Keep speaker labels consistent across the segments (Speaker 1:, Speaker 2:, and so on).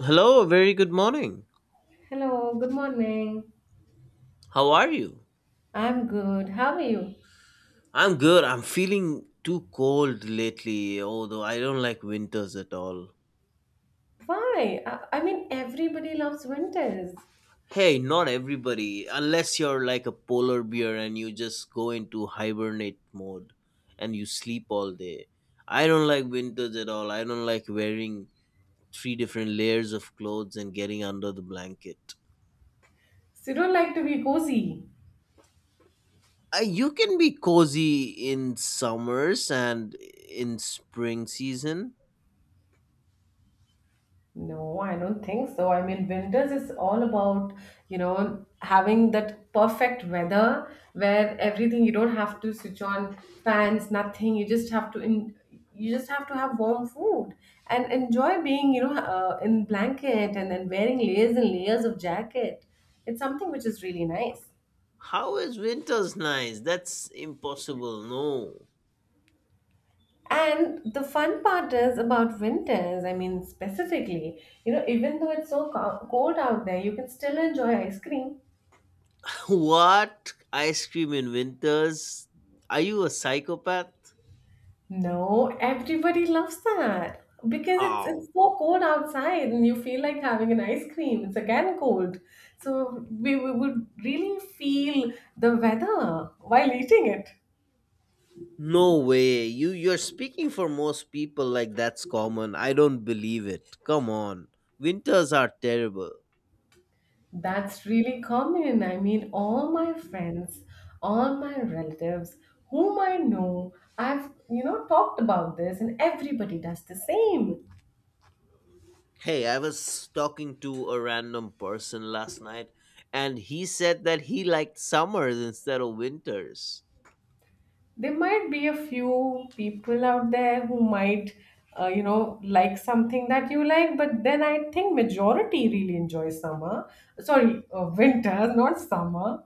Speaker 1: Hello, very good morning.
Speaker 2: Hello, good morning.
Speaker 1: How are you?
Speaker 2: I'm good. How are you?
Speaker 1: I'm good. I'm feeling too cold lately, although I don't like winters at all.
Speaker 2: Why? I mean, everybody loves winters.
Speaker 1: Hey, not everybody, unless you're like a polar bear and you just go into hibernate mode and you sleep all day. I don't like winters at all. I don't like wearing three different layers of clothes and getting under the blanket.
Speaker 2: So you don't like to be cozy?
Speaker 1: You can be cozy in summers and in spring season.
Speaker 2: No, I don't think so. I mean, winters is all about, you know, having that perfect weather where everything you don't have to switch on fans, nothing. You just have to in, you just have to have warm food and enjoy being, in blanket and then wearing layers and layers of jacket. It's something which is really nice.
Speaker 1: How is winter's nice? That's impossible. No.
Speaker 2: And the fun part is about winters, I mean, specifically, you know, even though it's so cold out there, you can still enjoy ice cream.
Speaker 1: What? Ice cream in winters? Are you a psychopath?
Speaker 2: No, everybody loves that because it's
Speaker 1: How?
Speaker 2: so cold outside and you feel like having an ice cream. It's again cold. So we would really feel the weather while eating it.
Speaker 1: No way. You're speaking for most people, like that's common. I don't believe it. Come on. Winters are terrible.
Speaker 2: That's really common. I mean, all my friends, all my relatives, whom I know, I've, you know, talked about this, and everybody does the same.
Speaker 1: Hey, I was talking to a random person last night, and he said that he liked summers instead of winters.
Speaker 2: There might be a few people out there who might, you know, like something that you like, but then I think majority really enjoy summer. Sorry, winter, not summer.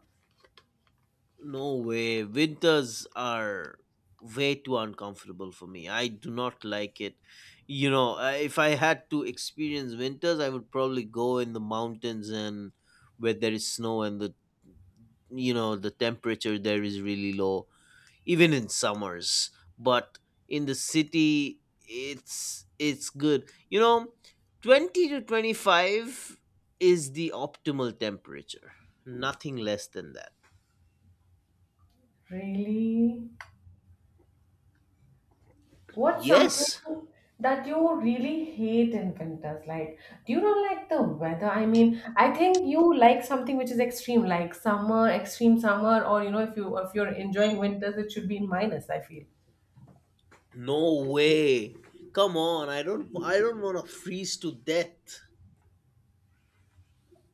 Speaker 1: No way. Winters are way too uncomfortable for me. I do not like it. You know, if I had to experience winters, I would probably go in the mountains and where there is snow, and the you know the temperature there is really low, even in summers. But in the city, it's good. You know, 20 to 25 is the optimal temperature. Nothing less than that.
Speaker 2: Really? What's something
Speaker 1: Yes.
Speaker 2: that you really hate in winters? Like, do you not like the weather? I mean, I think you like something which is extreme, like summer, extreme summer, or you know, if you if you're enjoying winters, it should be in minus, I feel.
Speaker 1: No way. Come on, I don't want to freeze to death.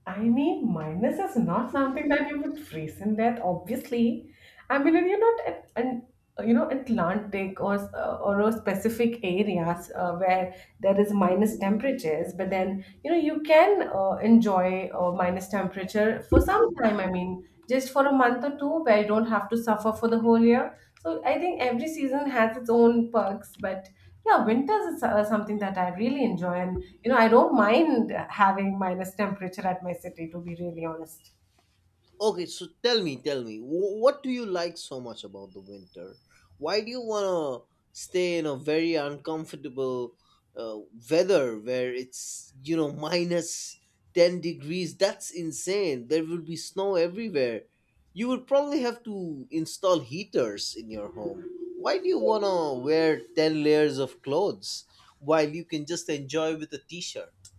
Speaker 2: I mean, minus is not something that you would freeze in death, obviously. I mean, and you're not at an you know Atlantic or or a specific areas where there is minus temperatures, but then you know you can enjoy minus temperature for some time. I mean, just for a month or two, where you don't have to suffer for the whole year. So I think every season has its own perks, but yeah, winters is something that I really enjoy, and you know, I don't mind having minus temperature at my city, to be really honest.
Speaker 1: Okay, so tell me, what do you like so much about the winter? Why do you want to stay in a very uncomfortable uh, weather where it's, minus 10 degrees? That's insane. There will be snow everywhere. You would probably have to install heaters in your home. Why do you want to wear 10 layers of clothes while you can just enjoy with a t shirt?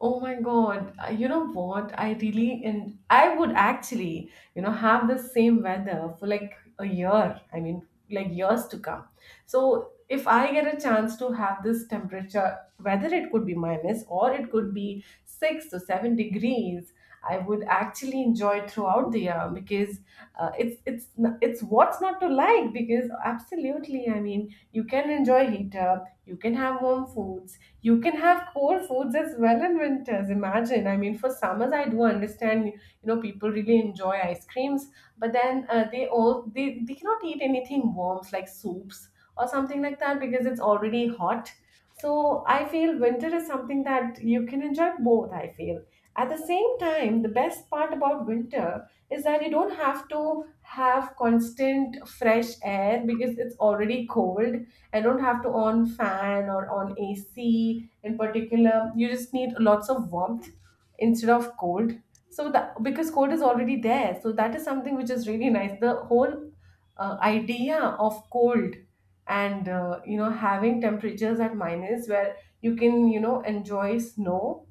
Speaker 2: Oh my God. You know what? I really and I would actually, you know, have the same weather for like a year. I mean, like years to come. So if I get a chance to have this temperature, whether it could be minus or it could be 6 to 7 degrees, I would actually enjoy it throughout the year because it's what's not to like because absolutely, I mean, you can enjoy heat up, you can have warm foods, you can have cold foods as well in winters. Imagine, I mean for summers I do understand, you know, people really enjoy ice creams, but then they cannot eat anything warm like soups or something like that because it's already hot. So I feel winter is something that you can enjoy both, I feel. At the same time, the best part about winter is that you don't have to have constant fresh air because it's already cold. I don't have to on fan or on AC in particular. You just need lots of warmth instead of cold, so that because cold is already there, so that is something which is really nice. The whole idea of cold and you know having temperatures at minus where you can you know enjoy snow.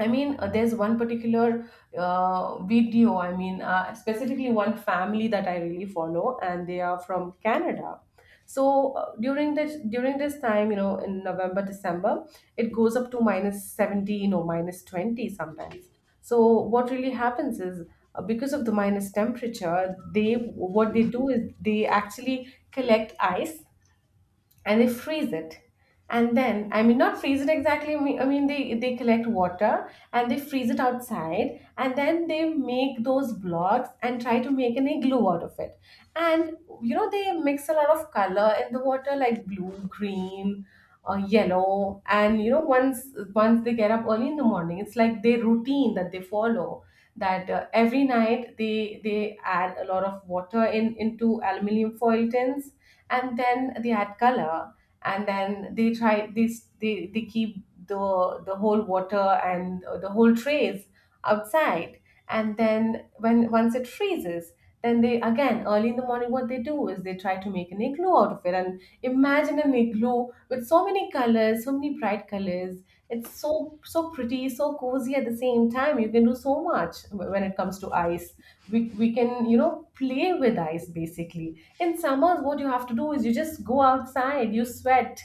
Speaker 2: I mean, there's one particular video, I mean, specifically one family that I really follow, and they are from Canada. So during this time, you know, in November, December, it goes up to minus 17 or minus 20 sometimes. So what really happens is because of the minus temperature, they what they do is they actually collect ice and they freeze it. And then I mean not freeze it exactly, I mean, they collect water and they freeze it outside and then they make those blocks and try to make an igloo out of it. And you know they mix a lot of color in the water like blue, green, yellow. And you know once once they get up early in the morning, it's like their routine that they follow, that every night they add a lot of water in into aluminum foil tins, and then they add color, and then they keep the whole water and the whole trays outside, and then when once it freezes, then they again early in the morning what they do is they try to make an igloo out of it. And imagine an igloo with so many colors, so many bright colors. It's so so pretty, so cozy. At the same time, you can do so much when it comes to ice. We can you know play with ice basically. In summers, what you have to do is you just go outside, you sweat,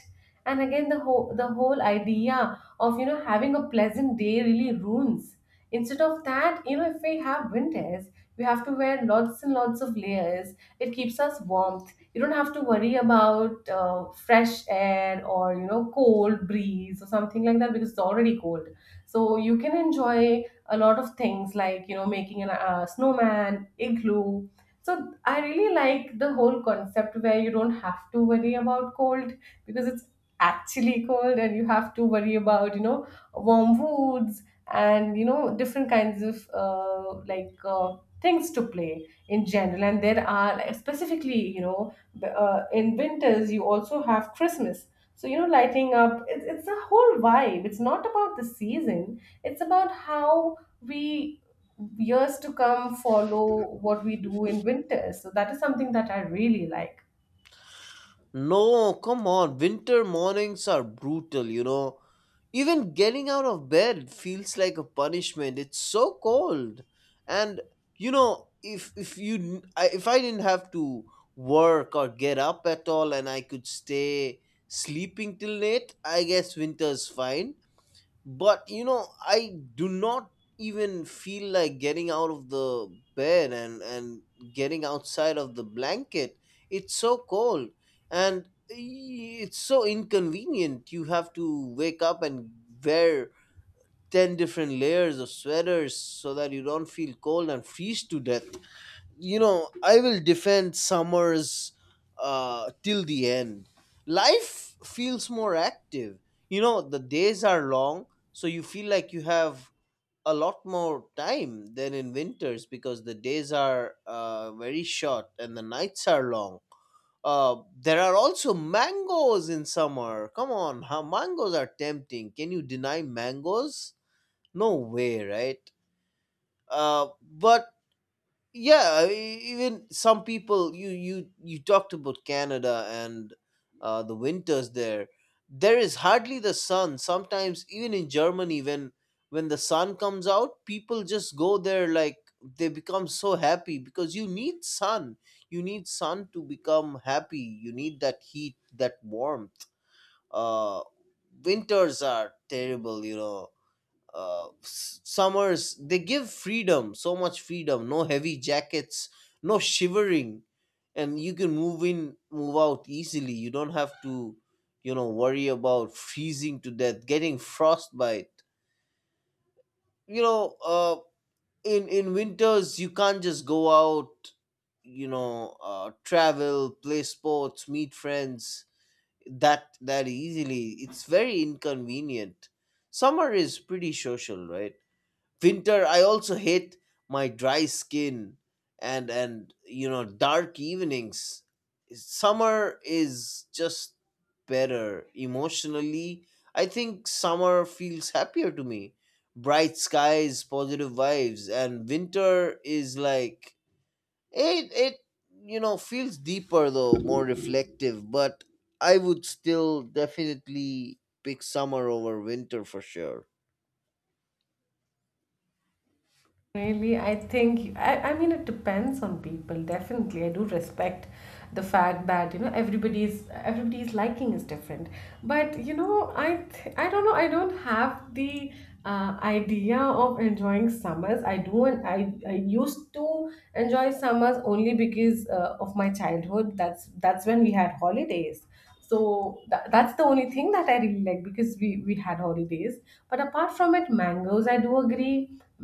Speaker 2: and again the whole idea of you know having a pleasant day really ruins. Instead of that, you know, if we have winters, we have to wear lots and lots of layers. It keeps us warmth. You don't have to worry about fresh air or you know cold breeze or something like that because it's already cold. So you can enjoy a lot of things like you know making a snowman, igloo. So I really like the whole concept where you don't have to worry about cold because it's actually cold, and you have to worry about, you know, warm foods and, you know, different kinds of things to play in general. And there are like, specifically, you know, in winters, you also have Christmas. So, you know, lighting up, it's a whole vibe. It's not about the season. It's about how we years to come follow what we do in winter. So that is something that I really like.
Speaker 1: No, come on. Winter mornings are brutal, you know. Even getting out of bed feels like a punishment. It's so cold. And you know, if I didn't have to work or get up at all and I could stay sleeping till late, I guess winter's fine. But you know, I do not even feel like getting out of the bed and getting outside of the blanket. It's so cold, and it's so inconvenient. You have to wake up and wear 10 different layers of sweaters so that you don't feel cold and freeze to death. You know, I will defend summers till the end. Life feels more active. You know, the days are long, so you feel like you have a lot more time than in winters, because the days are very short and the nights are long. There are also mangoes in summer. Come on, how mangoes are tempting. Can you deny mangoes? No way, right? But yeah, even some people, you talked about Canada and the winters there. There is hardly the sun. Sometimes even in Germany, when the sun comes out, people just go there like they become so happy, because you need sun. You need sun to become happy. You need that heat, that warmth. uh winters are terrible, you know. Summers, they give freedom, so much freedom. No heavy jackets, no shivering, and you can move in, move out easily. You don't have to, worry about freezing to death, getting frostbite. You know, in winters you can't just go out, travel, play sports, meet friends that easily. It's very inconvenient. Summer is pretty social, right? Winter, I also hate my dry skin and dark evenings. Summer is just better emotionally. I think summer feels happier to me. Bright skies, positive vibes. And winter is like, it feels deeper, though more reflective. But I would still definitely pick summer over winter for sure.
Speaker 2: Really, I think, I mean, it depends on people, definitely. I do respect the fact that, you know, everybody's liking is different. But, you know, I don't know, I don't have the idea of enjoying summers. I do, and I used to enjoy summers only because of my childhood. That's when we had holidays. So that's the only thing that I really like because we had holidays. But apart from it, mangoes, I do agree.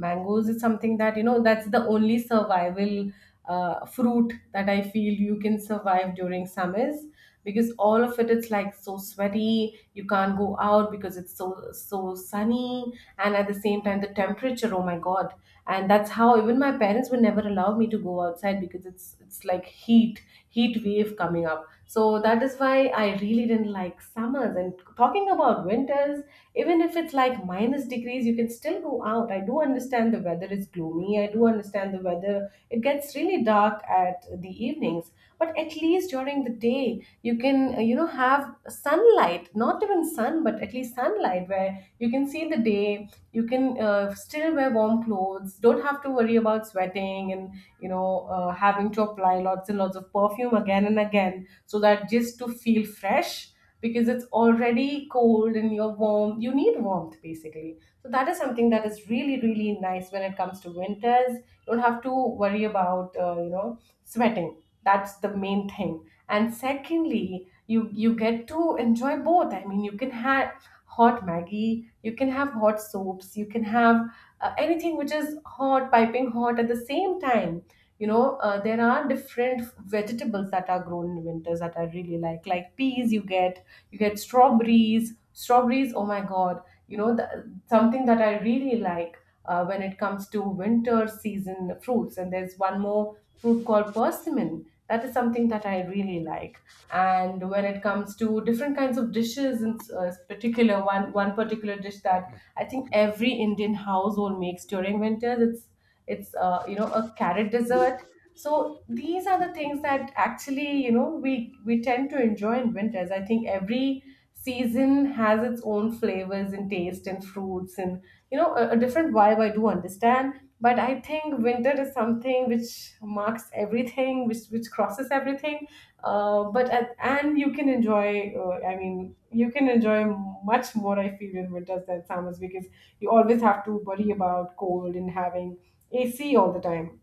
Speaker 2: Mangoes is something that, you know, that's the only survival fruit that I feel you can survive during summers, because all of it is like so sweaty. You can't go out because it's so so sunny. And at the same time, the temperature, oh my God. And that's how even my parents would never allow me to go outside because it's like heat, heat wave coming up. So that is why I really didn't like summers. And talking about winters, even if it's like minus degrees, you can still go out. I do understand the weather is gloomy. I do understand the weather. It gets really dark at the evenings, but at least during the day, you can you know have sunlight. Not even sun, but at least sunlight where you can see the day. You can still wear warm clothes. Don't have to worry about sweating and you know having to apply lots and lots of perfume again and again so that just to feel fresh, because it's already cold and you're warm. You need warmth basically. So that is something that is really really nice when it comes to winters. You don't have to worry about you know sweating. That's the main thing. And secondly, you get to enjoy both. I mean, you can have hot maggie, you can have hot soaps, you can have anything which is hot, piping hot. At the same time, you know, there are different vegetables that are grown in winters that I really like peas. You get you get strawberries, strawberries, oh my God. You know, the, something that I really like, when it comes to winter season fruits. And there's one more fruit called persimmon, that is something that I really like. And when it comes to different kinds of dishes in particular, one particular dish that I think every Indian household makes during winters, it's you know a carrot dessert. So these are the things that actually, you know, we tend to enjoy in winters. I think every season has its own flavors and taste and fruits and you know a different vibe. I do understand, but I think winter is something which marks everything, which crosses everything. But at, and you can enjoy. I mean, you can enjoy much more. I feel in winters than summers, because you always have to worry about cold and having AC all the time.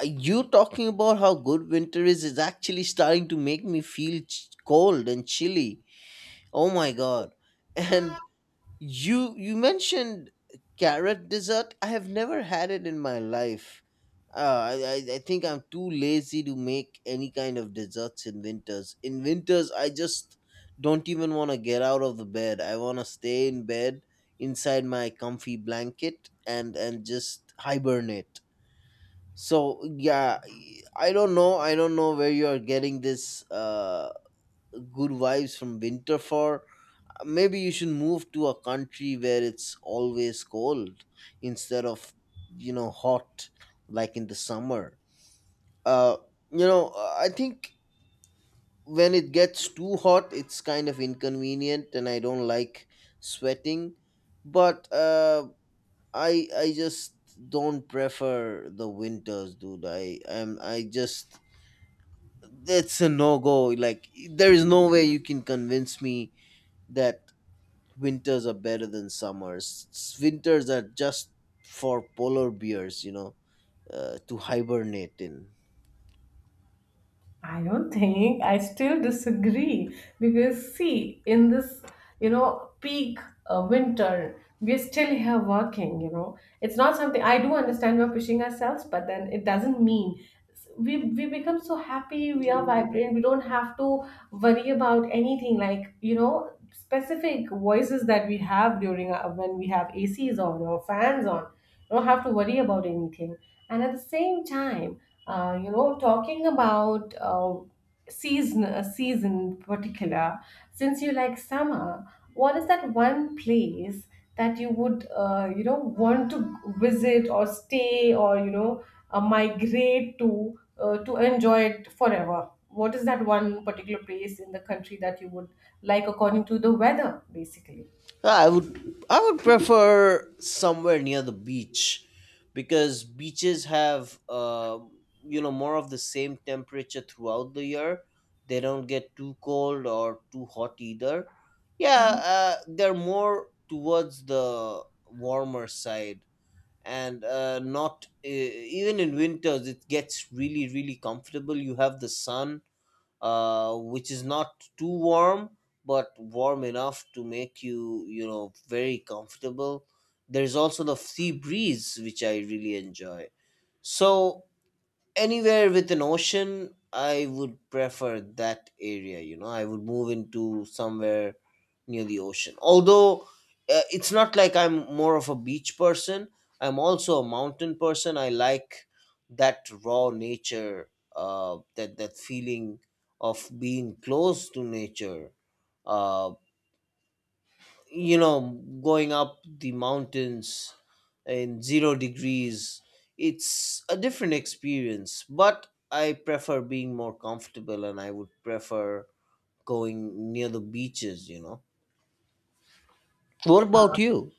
Speaker 1: You talking about how good winter is actually starting to make me feel cold and chilly. Oh my god. And you mentioned carrot dessert. I have never had it in my life. I think I'm too lazy to make any kind of desserts in winters. In winters, I just don't even want to get out of the bed. I want to stay in bed inside my comfy blanket and just hibernate. So yeah, I don't know. I don't know where you are getting this good vibes from winter for. Maybe you should move to a country where it's always cold, instead of, hot, like in the summer. Uh, you know, I think when it gets too hot, it's kind of inconvenient, and I don't like sweating. But I just don't prefer the winters, dude. I am I just that's a no go. Like, there is no way you can convince me that winters are better than summers. Winters are just for polar bears, you know, to hibernate in.
Speaker 2: I don't think. I still disagree because, see, in this, you know, peak winter we're still here working, you know. It's not something, I do understand, we're pushing ourselves, but then it doesn't mean we become so happy. We are vibrant, we don't have to worry about anything, like, you know, specific voices that we have when we have ACs on or fans on. You don't have to worry about anything. And at the same time, you know, talking about season a season in particular, since you like summer, what is that one place that you would, want to visit or stay, or migrate to, to enjoy it forever? What is that one particular place in the country that you would like, according to the weather, basically?
Speaker 1: I would prefer somewhere near the beach, because beaches have, more of the same temperature throughout the year. They don't get too cold or too hot either. Yeah,
Speaker 2: Mm-hmm.
Speaker 1: they're more towards the warmer side and not, even in winters it gets really really comfortable. You have the sun which is not too warm, but warm enough to make you, you know very comfortable. There's also the sea breeze which I really enjoy. So anywhere with an ocean, I would prefer that area. You know, I would move into somewhere near the ocean, although it's not like I'm more of a beach person. I'm also a mountain person. I like that raw nature, that feeling of being close to nature. Uh, you know, going up the mountains in 0 degrees, it's a different experience, but I prefer being more comfortable, and I would prefer going near the beaches. You know, what about you?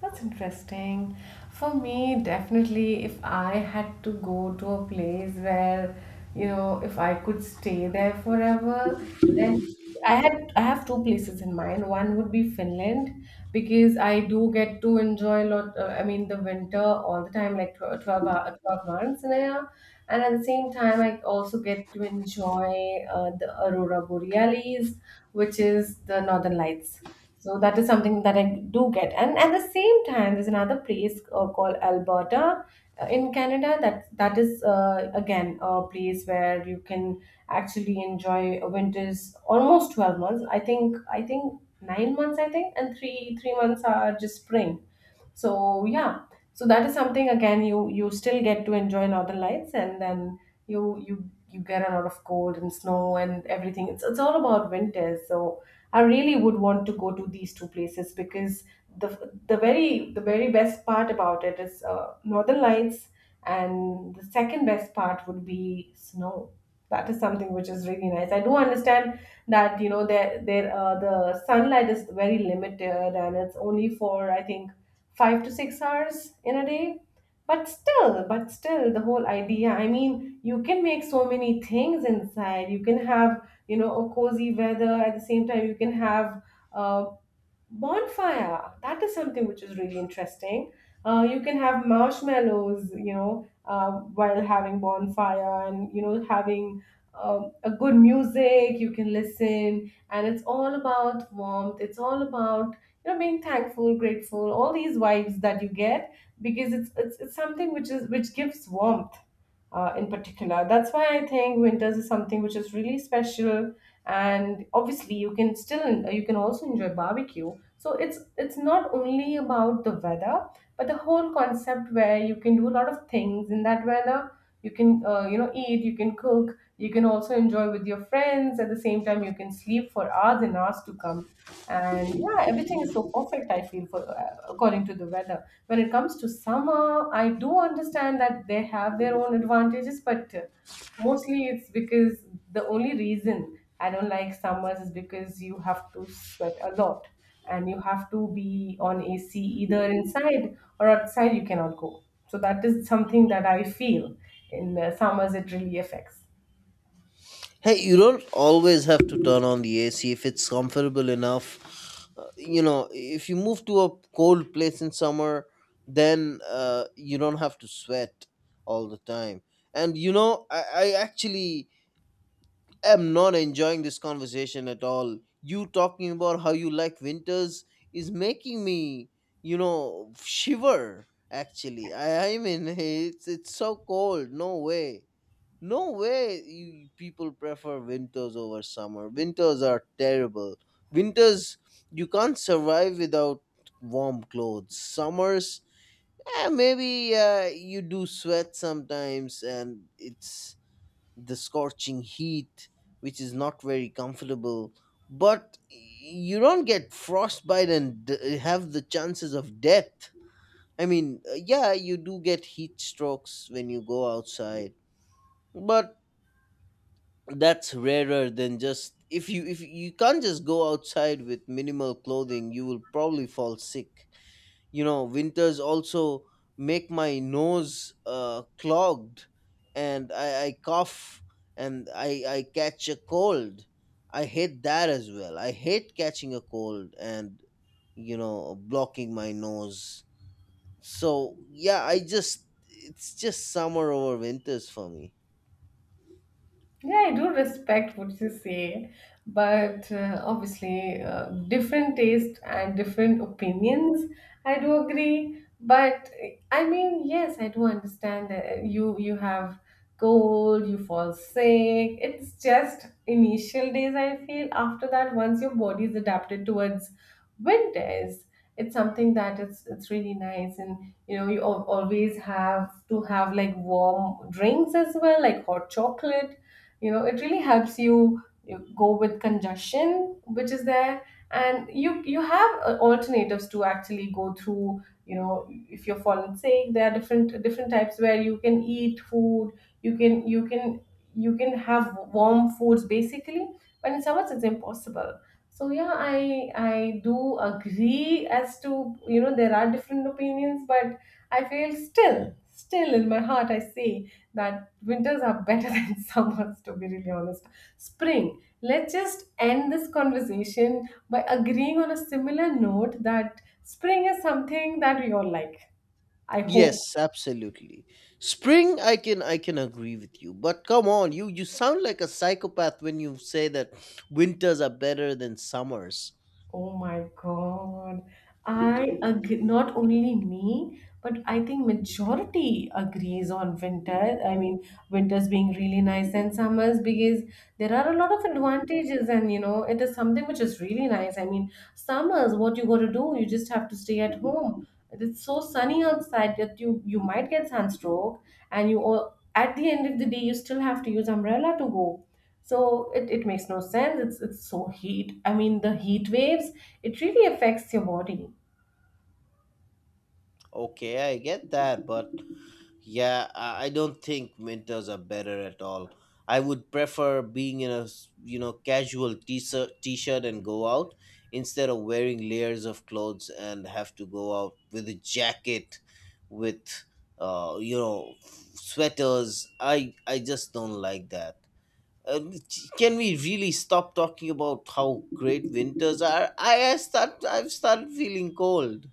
Speaker 2: That's interesting. For me, definitely, if I had to go to a place where, you know, if I could stay there forever, then I have two places in mind. One would be Finland, because I do get to enjoy a lot. I mean, the winter all the time, like 12 months in a year, and at the same time, I also get to enjoy the aurora borealis, which is the Northern Lights. So that is something that I do get. And at the same time, there's another place called Alberta, in Canada. That is, again, a place where you can actually enjoy winters almost 12 months. I think 9 months, I think, and three months are just spring. So yeah, so that is something. Again, you still get to enjoy Northern Lights, and then you get a lot of cold and snow and everything. It's all about winters. So I really would want to go to these two places, because the very best part about it is, Northern Lights, and the second best part would be snow. That is something which is really nice. I do understand that, the sunlight is very limited and it's only for, I think, 5 to 6 hours in a day. But still, the whole idea, I mean, you can make so many things inside. You can have, a cozy weather. At the same time, you can have a bonfire. That is something which is really interesting. You can have marshmallows, while having bonfire, and having a good music you can listen, and it's all about warmth. It's all about, being thankful, grateful, all these vibes that you get, because it's something which is which gives warmth, in particular. That's why I think winters is something which is really special. And obviously, you can also enjoy barbecue. So it's not only about the weather, but the whole concept, where you can do a lot of things in that weather. You can, eat, you can cook, you can also enjoy with your friends. At the same time, you can sleep for hours and hours to come. And yeah, everything is so perfect, I feel, for according to the weather. When it comes to summer, I do understand that they have their own advantages, but, mostly it's because the only reason I don't like summers is because you have to sweat a lot, and you have to be on AC either inside or outside, you cannot go. So that is something that I feel in summers, it really affects.
Speaker 1: Hey, you don't always have to turn on the AC if it's comfortable enough. You know, if you move to a cold place in summer, then you don't have to sweat all the time. And you know, I actually am not enjoying this conversation at all. You talking about how you like winters is making me, shiver. Actually, I mean, it's so cold. No way, no way. You people prefer winters over summer. Winters are terrible. Winters, you can't survive without warm clothes. Summers, maybe you do sweat sometimes, and it's the scorching heat, which is not very comfortable. But you don't get frostbite and have the chances of death. I mean, yeah, you do get heat strokes when you go outside, but that's rarer than just, if you can't just go outside with minimal clothing, you will probably fall sick. You know, winters also make my nose clogged, and I cough, and I catch a cold. I hate that as well. I hate catching a cold and, blocking my nose. So yeah, I just it's just summer over winters for me.
Speaker 2: Yeah, I do respect what you say, but, obviously, different taste and different opinions. I do agree, but, I mean, yes, I do understand that you have cold, you fall sick. It's just initial days, I feel. After that, once your body is adapted towards winters, it's something that it's really nice. And, you know, you always have to have, like, warm drinks as well, like hot chocolate. You know, it really helps you go with congestion which is there. And you have, alternatives to actually go through, you know, if you're fallen sick. There are different types where you can eat food. You can, you can have warm foods basically. But in summers, it's impossible. So yeah, I do agree as to, there are different opinions, but I feel, still, in my heart, I say that winters are better than summers, to be really honest. Spring, let's just end this conversation by agreeing on a similar note that spring is something that we all like, I hope.
Speaker 1: Yes, absolutely. Spring, I can agree with you, but come on, you sound like a psychopath when you say that winters are better than summers.
Speaker 2: Oh my God. I agree. Not only me, but I think majority agrees on winter. I mean, winters being really nice, and summers, because there are a lot of advantages. And, it is something which is really nice. I mean, summers, what you got to do, you just have to stay at home. It's so sunny outside that you might get sunstroke, and you all, at the end of the day, you still have to use umbrella to go. So it makes no sense. It's so heat, I mean, the heat waves, it really affects your body.
Speaker 1: Okay, I get that, but yeah, I don't think winters are better at all. I would prefer being in a you know, casual t-shirt and go out, instead of wearing layers of clothes and have to go out with a jacket, with uh you know sweaters. I just don't like that. Um, can we really stop talking about how great winters are? I've started feeling cold.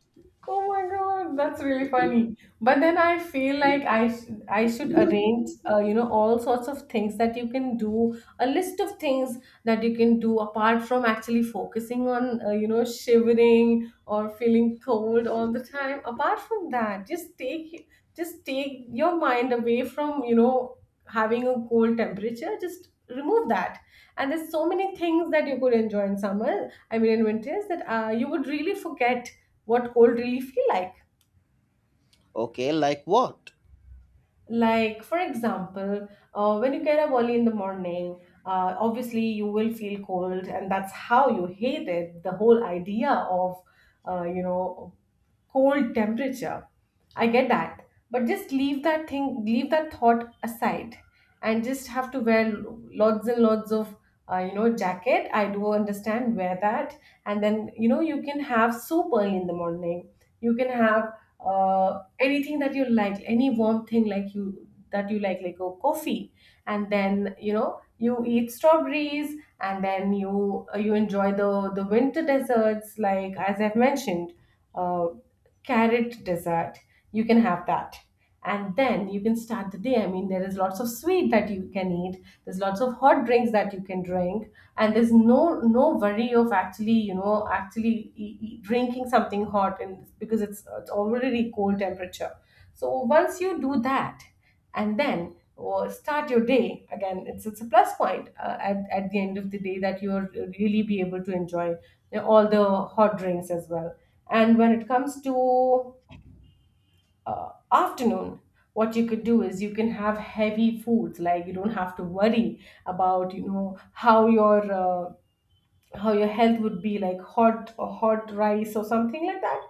Speaker 2: Oh my God, that's really funny. But then I feel like I should arrange, all sorts of things that you can do, a list of things that you can do, apart from actually focusing on, shivering or feeling cold all the time. Apart from that, just take your mind away from, having a cold temperature. Just remove that. And there's so many things that you could enjoy in summer, I mean, in winters, that you would really forget what cold really feel like.
Speaker 1: Okay, like what?
Speaker 2: Like, for example, when you get up early in the morning, obviously, you will feel cold, and that's how you hate it, the whole idea of, uh, you know, cold temperature. I get that. But just leave that thing, leave that thought aside, and just have to wear lots and lots of, jacket. I do understand, wear that. And then, you can have soup early in the morning. You can have, uh, anything that you like, any warm thing, like you that you like a coffee. And then, you eat strawberries, and then you enjoy the winter desserts, like, as I've mentioned, uh, carrot dessert. You can have that, and then you can start the day. I mean, there is lots of sweet that you can eat, there's lots of hot drinks that you can drink. And there's no worry of actually, drinking something hot, and because it's already cold temperature. So once you do that, and then, or start your day again, it's a plus point, at the end of the day, that you'll really be able to enjoy, all the hot drinks as well. And when it comes to, afternoon, what you could do is you can have heavy foods, like you don't have to worry about, how your, how your health would be, like hot, or hot rice or something like that.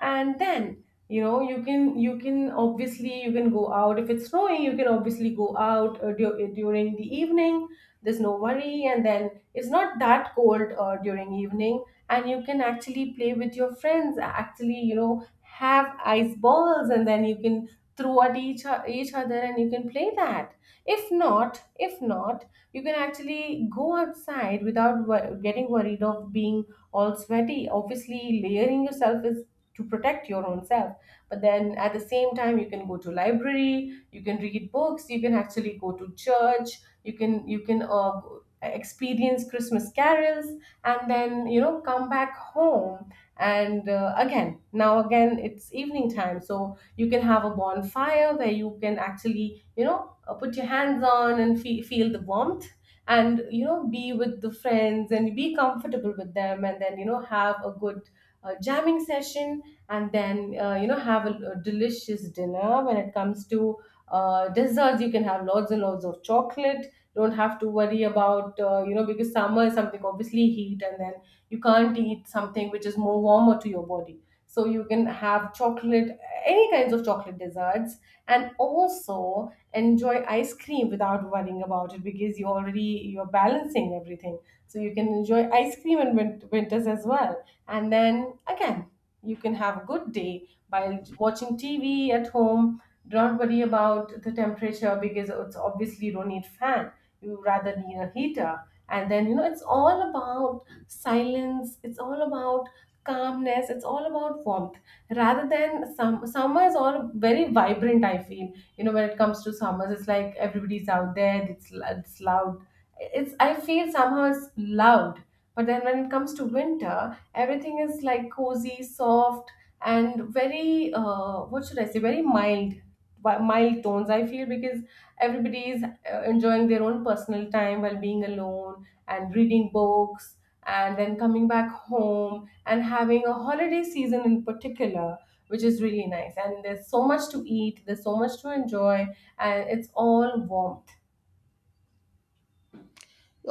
Speaker 2: And then, you can, you can obviously you can go out. If it's snowing, you can obviously go out, during the evening. There's no worry, and then it's not that cold, during evening. And you can actually play with your friends, actually, have ice balls, and then you can throw at each other, and you can play that. If not, you can actually go outside without getting worried of being all sweaty. Obviously, layering yourself is to protect your own self. But then at the same time, you can go to library, you can read books, you can actually go to church. You can experience Christmas carols, and then, come back home. And, again, it's evening time, so you can have a bonfire, where you can actually, you know put your hands on, and feel the warmth, and, be with the friends, and be comfortable with them, and then, have a good, jamming session. And then, have a delicious dinner. When it comes to, desserts, you can have lots and lots of chocolate. Don't have to worry about, because summer is something, obviously heat, and then you can't eat something which is more warmer to your body. So you can have chocolate, any kinds of chocolate desserts, and also Enjoy ice cream without worrying about it because you're balancing everything, so you can enjoy ice cream in winters as well. And then again, you can have a good day by watching TV at home. Do not worry about the temperature, because it's obviously you don't need fan. You rather need a heater. And then it's all about silence. It's all about calmness. It's all about warmth. Rather than some summer is all very vibrant, I feel. You know, when it comes to summers, it's like everybody's out there. It's loud. It's, I feel, somehow it's loud. But then when it comes to winter, everything is like cozy, soft, and very, what should I say, very mild, mild tones, I feel, because everybody is enjoying their own personal time while being alone and reading books, and then coming back home and having a holiday season in particular, which is really nice. And there's so much to eat, there's so much to enjoy, and it's all warmth.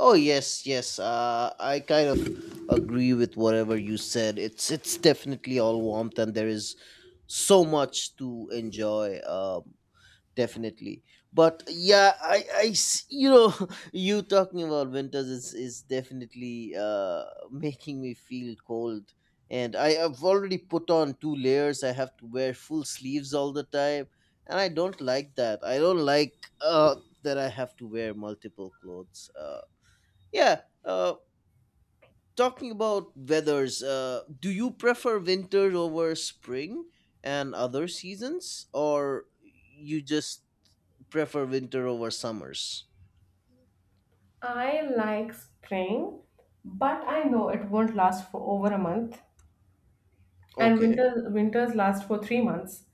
Speaker 1: Oh yes, yes. I kind of agree with whatever you said. It's definitely all warmth, and there is so much to enjoy. Definitely. But yeah, I s- you know, you talking about winters is definitely making me feel cold, and I have already put on two layers. I have to wear full sleeves all the time, and I don't like that. I don't like uh that I have to wear multiple clothes. Yeah. Talking about weathers, do you prefer winters over spring and other seasons, or you just prefer winter over summers?
Speaker 2: I like spring, but I know it won't last for over a month. And
Speaker 1: Okay.
Speaker 2: winters last for 3 months.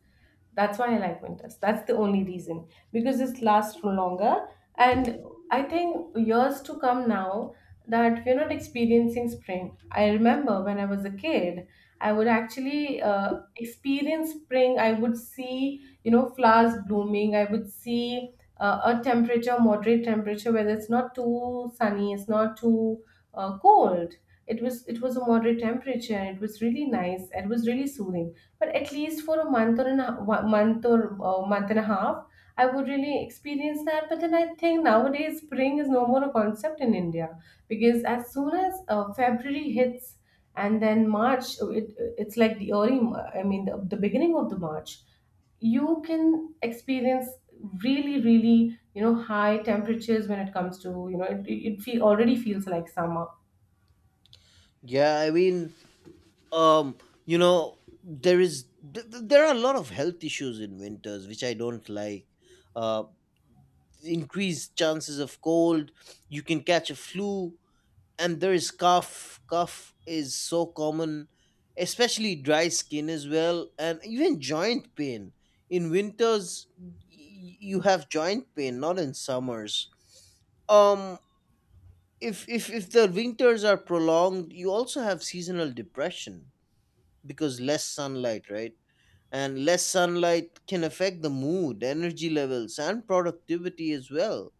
Speaker 2: That's why I like winters. That's the only reason, because it lasts for longer. And I think years to come now that we're not experiencing spring. I remember when I was a kid, I would actually experience spring. I would see, flowers blooming. I would see a temperature, moderate temperature, whether it's not too sunny, it's not too cold. It was a moderate temperature, it was really nice, it was really soothing, but at least for a month or one month or month and a half I would really experience that. But then I think nowadays spring is no more a concept in India, because as soon as February hits and then March, it's like the early, I mean, the beginning of the March, you can experience really really, high temperatures. When it comes to, already feels like summer.
Speaker 1: Yeah, I mean, um, you know, there is th- th- there are a lot of health issues in winters which I don't like. Uh, Increased chances of cold. You can catch a flu. And there is cough. Cough is so common, especially dry skin as well, and even joint pain. In winters, you have joint pain, not in summers. um if the winters are prolonged, you also have seasonal depression, because less sunlight, right? And less sunlight can affect the mood, energy levels and productivity as well.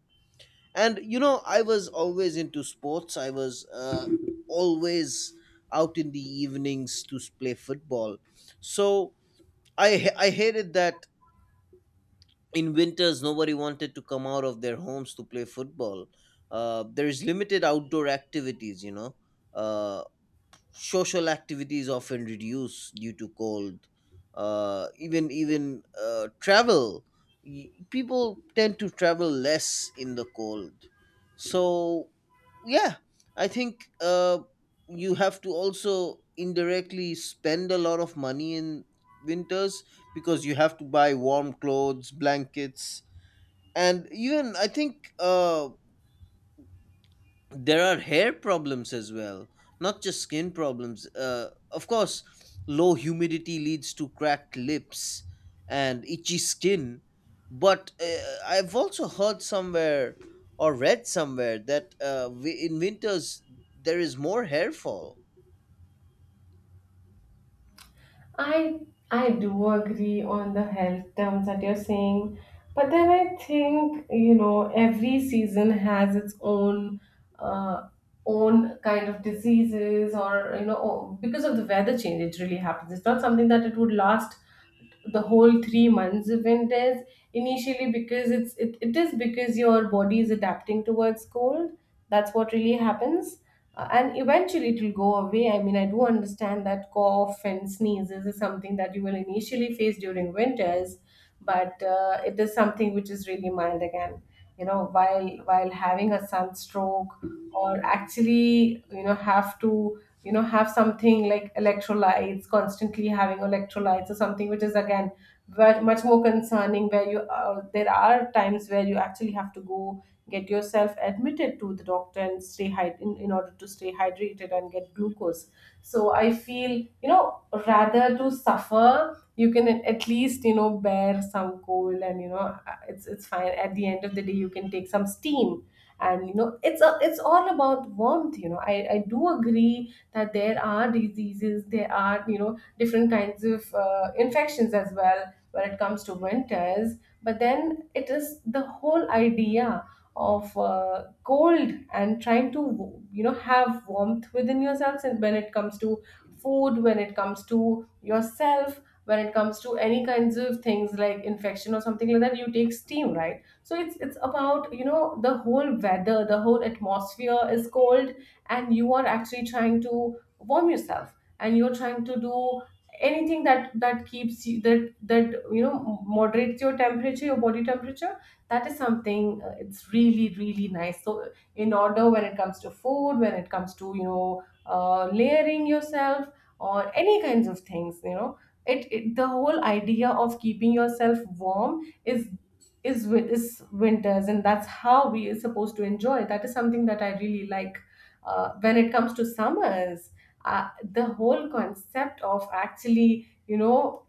Speaker 1: And you know, I was always into sports. I was always out in the evenings to play football. So I hated that in winters nobody wanted to come out of their homes to play football. There is limited outdoor activities, uh, social activities often reduce due to cold. Even travel, people tend to travel less in the cold. So yeah, I think you have to also indirectly spend a lot of money in winters, because you have to buy warm clothes, blankets. And even, I think there are hair problems as well, not just skin problems. Of course, low humidity leads to cracked lips and itchy skin. But I've also heard somewhere or read somewhere that in winters there is more hair fall.
Speaker 2: I I do agree on the health terms that you're saying, but then I think, every season has its uh, own kind of diseases, or because of the weather change, it really happens. It's not something that it would last the whole 3 months. Even it is initially, because it is because your body is adapting towards cold. That's what really happens. And eventually it will go away. I mean, I do understand that cough and sneezes is something that you will initially face during winters, but it is something which is really mild again, while having a sunstroke, or actually, have to, have something like electrolytes, constantly having electrolytes or something, which is again much more concerning, where you, there are times where you actually have to go get yourself admitted to the doctor and stay in order to stay hydrated and get glucose. So I feel, you know rather to suffer, you can at least, bear some cold. And it's fine. At the end of the day you can take some steam, and, it's all about warmth. You know, I do agree that there are diseases, there are, different kinds of infections as well when it comes to winters, but then it is the whole idea of cold and trying to, have warmth within yourselves. And when it comes to food, when it comes to yourself, when it comes to any kinds of things like infection or something like that, you take steam, right? So it's about, the whole weather, the whole atmosphere is cold, and you are actually trying to warm yourself, and you're trying to do anything that that keeps you, that moderates your temperature, your body temperature. That is something, it's really really nice. So in order, when it comes to food, when it comes to, layering yourself or any kinds of things, it, it the whole idea of keeping yourself warm is winters, and that's how we are supposed to enjoy. That is something that I really like. When it comes to summers, the whole concept of actually,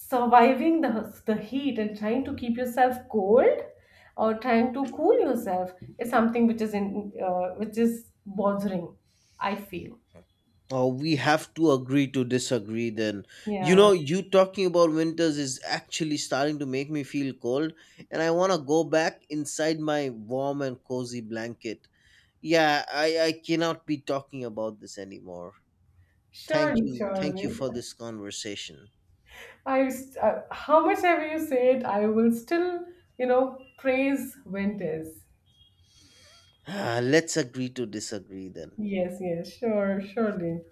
Speaker 2: surviving the heat and trying to keep yourself cold, or trying to cool yourself, is something which is bothering, I feel.
Speaker 1: Oh, we have to agree to disagree then. You
Speaker 2: Yeah.
Speaker 1: know, you talking about winters is actually starting to make me feel cold, and I want to go back inside my warm and cozy blanket. Yeah, I cannot be talking about this anymore. Thank
Speaker 2: Surely,
Speaker 1: you. Thank you
Speaker 2: surely.
Speaker 1: for this conversation.
Speaker 2: How much ever you say it, I will still, praise winters.
Speaker 1: Ah, let's agree to disagree then.
Speaker 2: Yes, yes, sure, surely.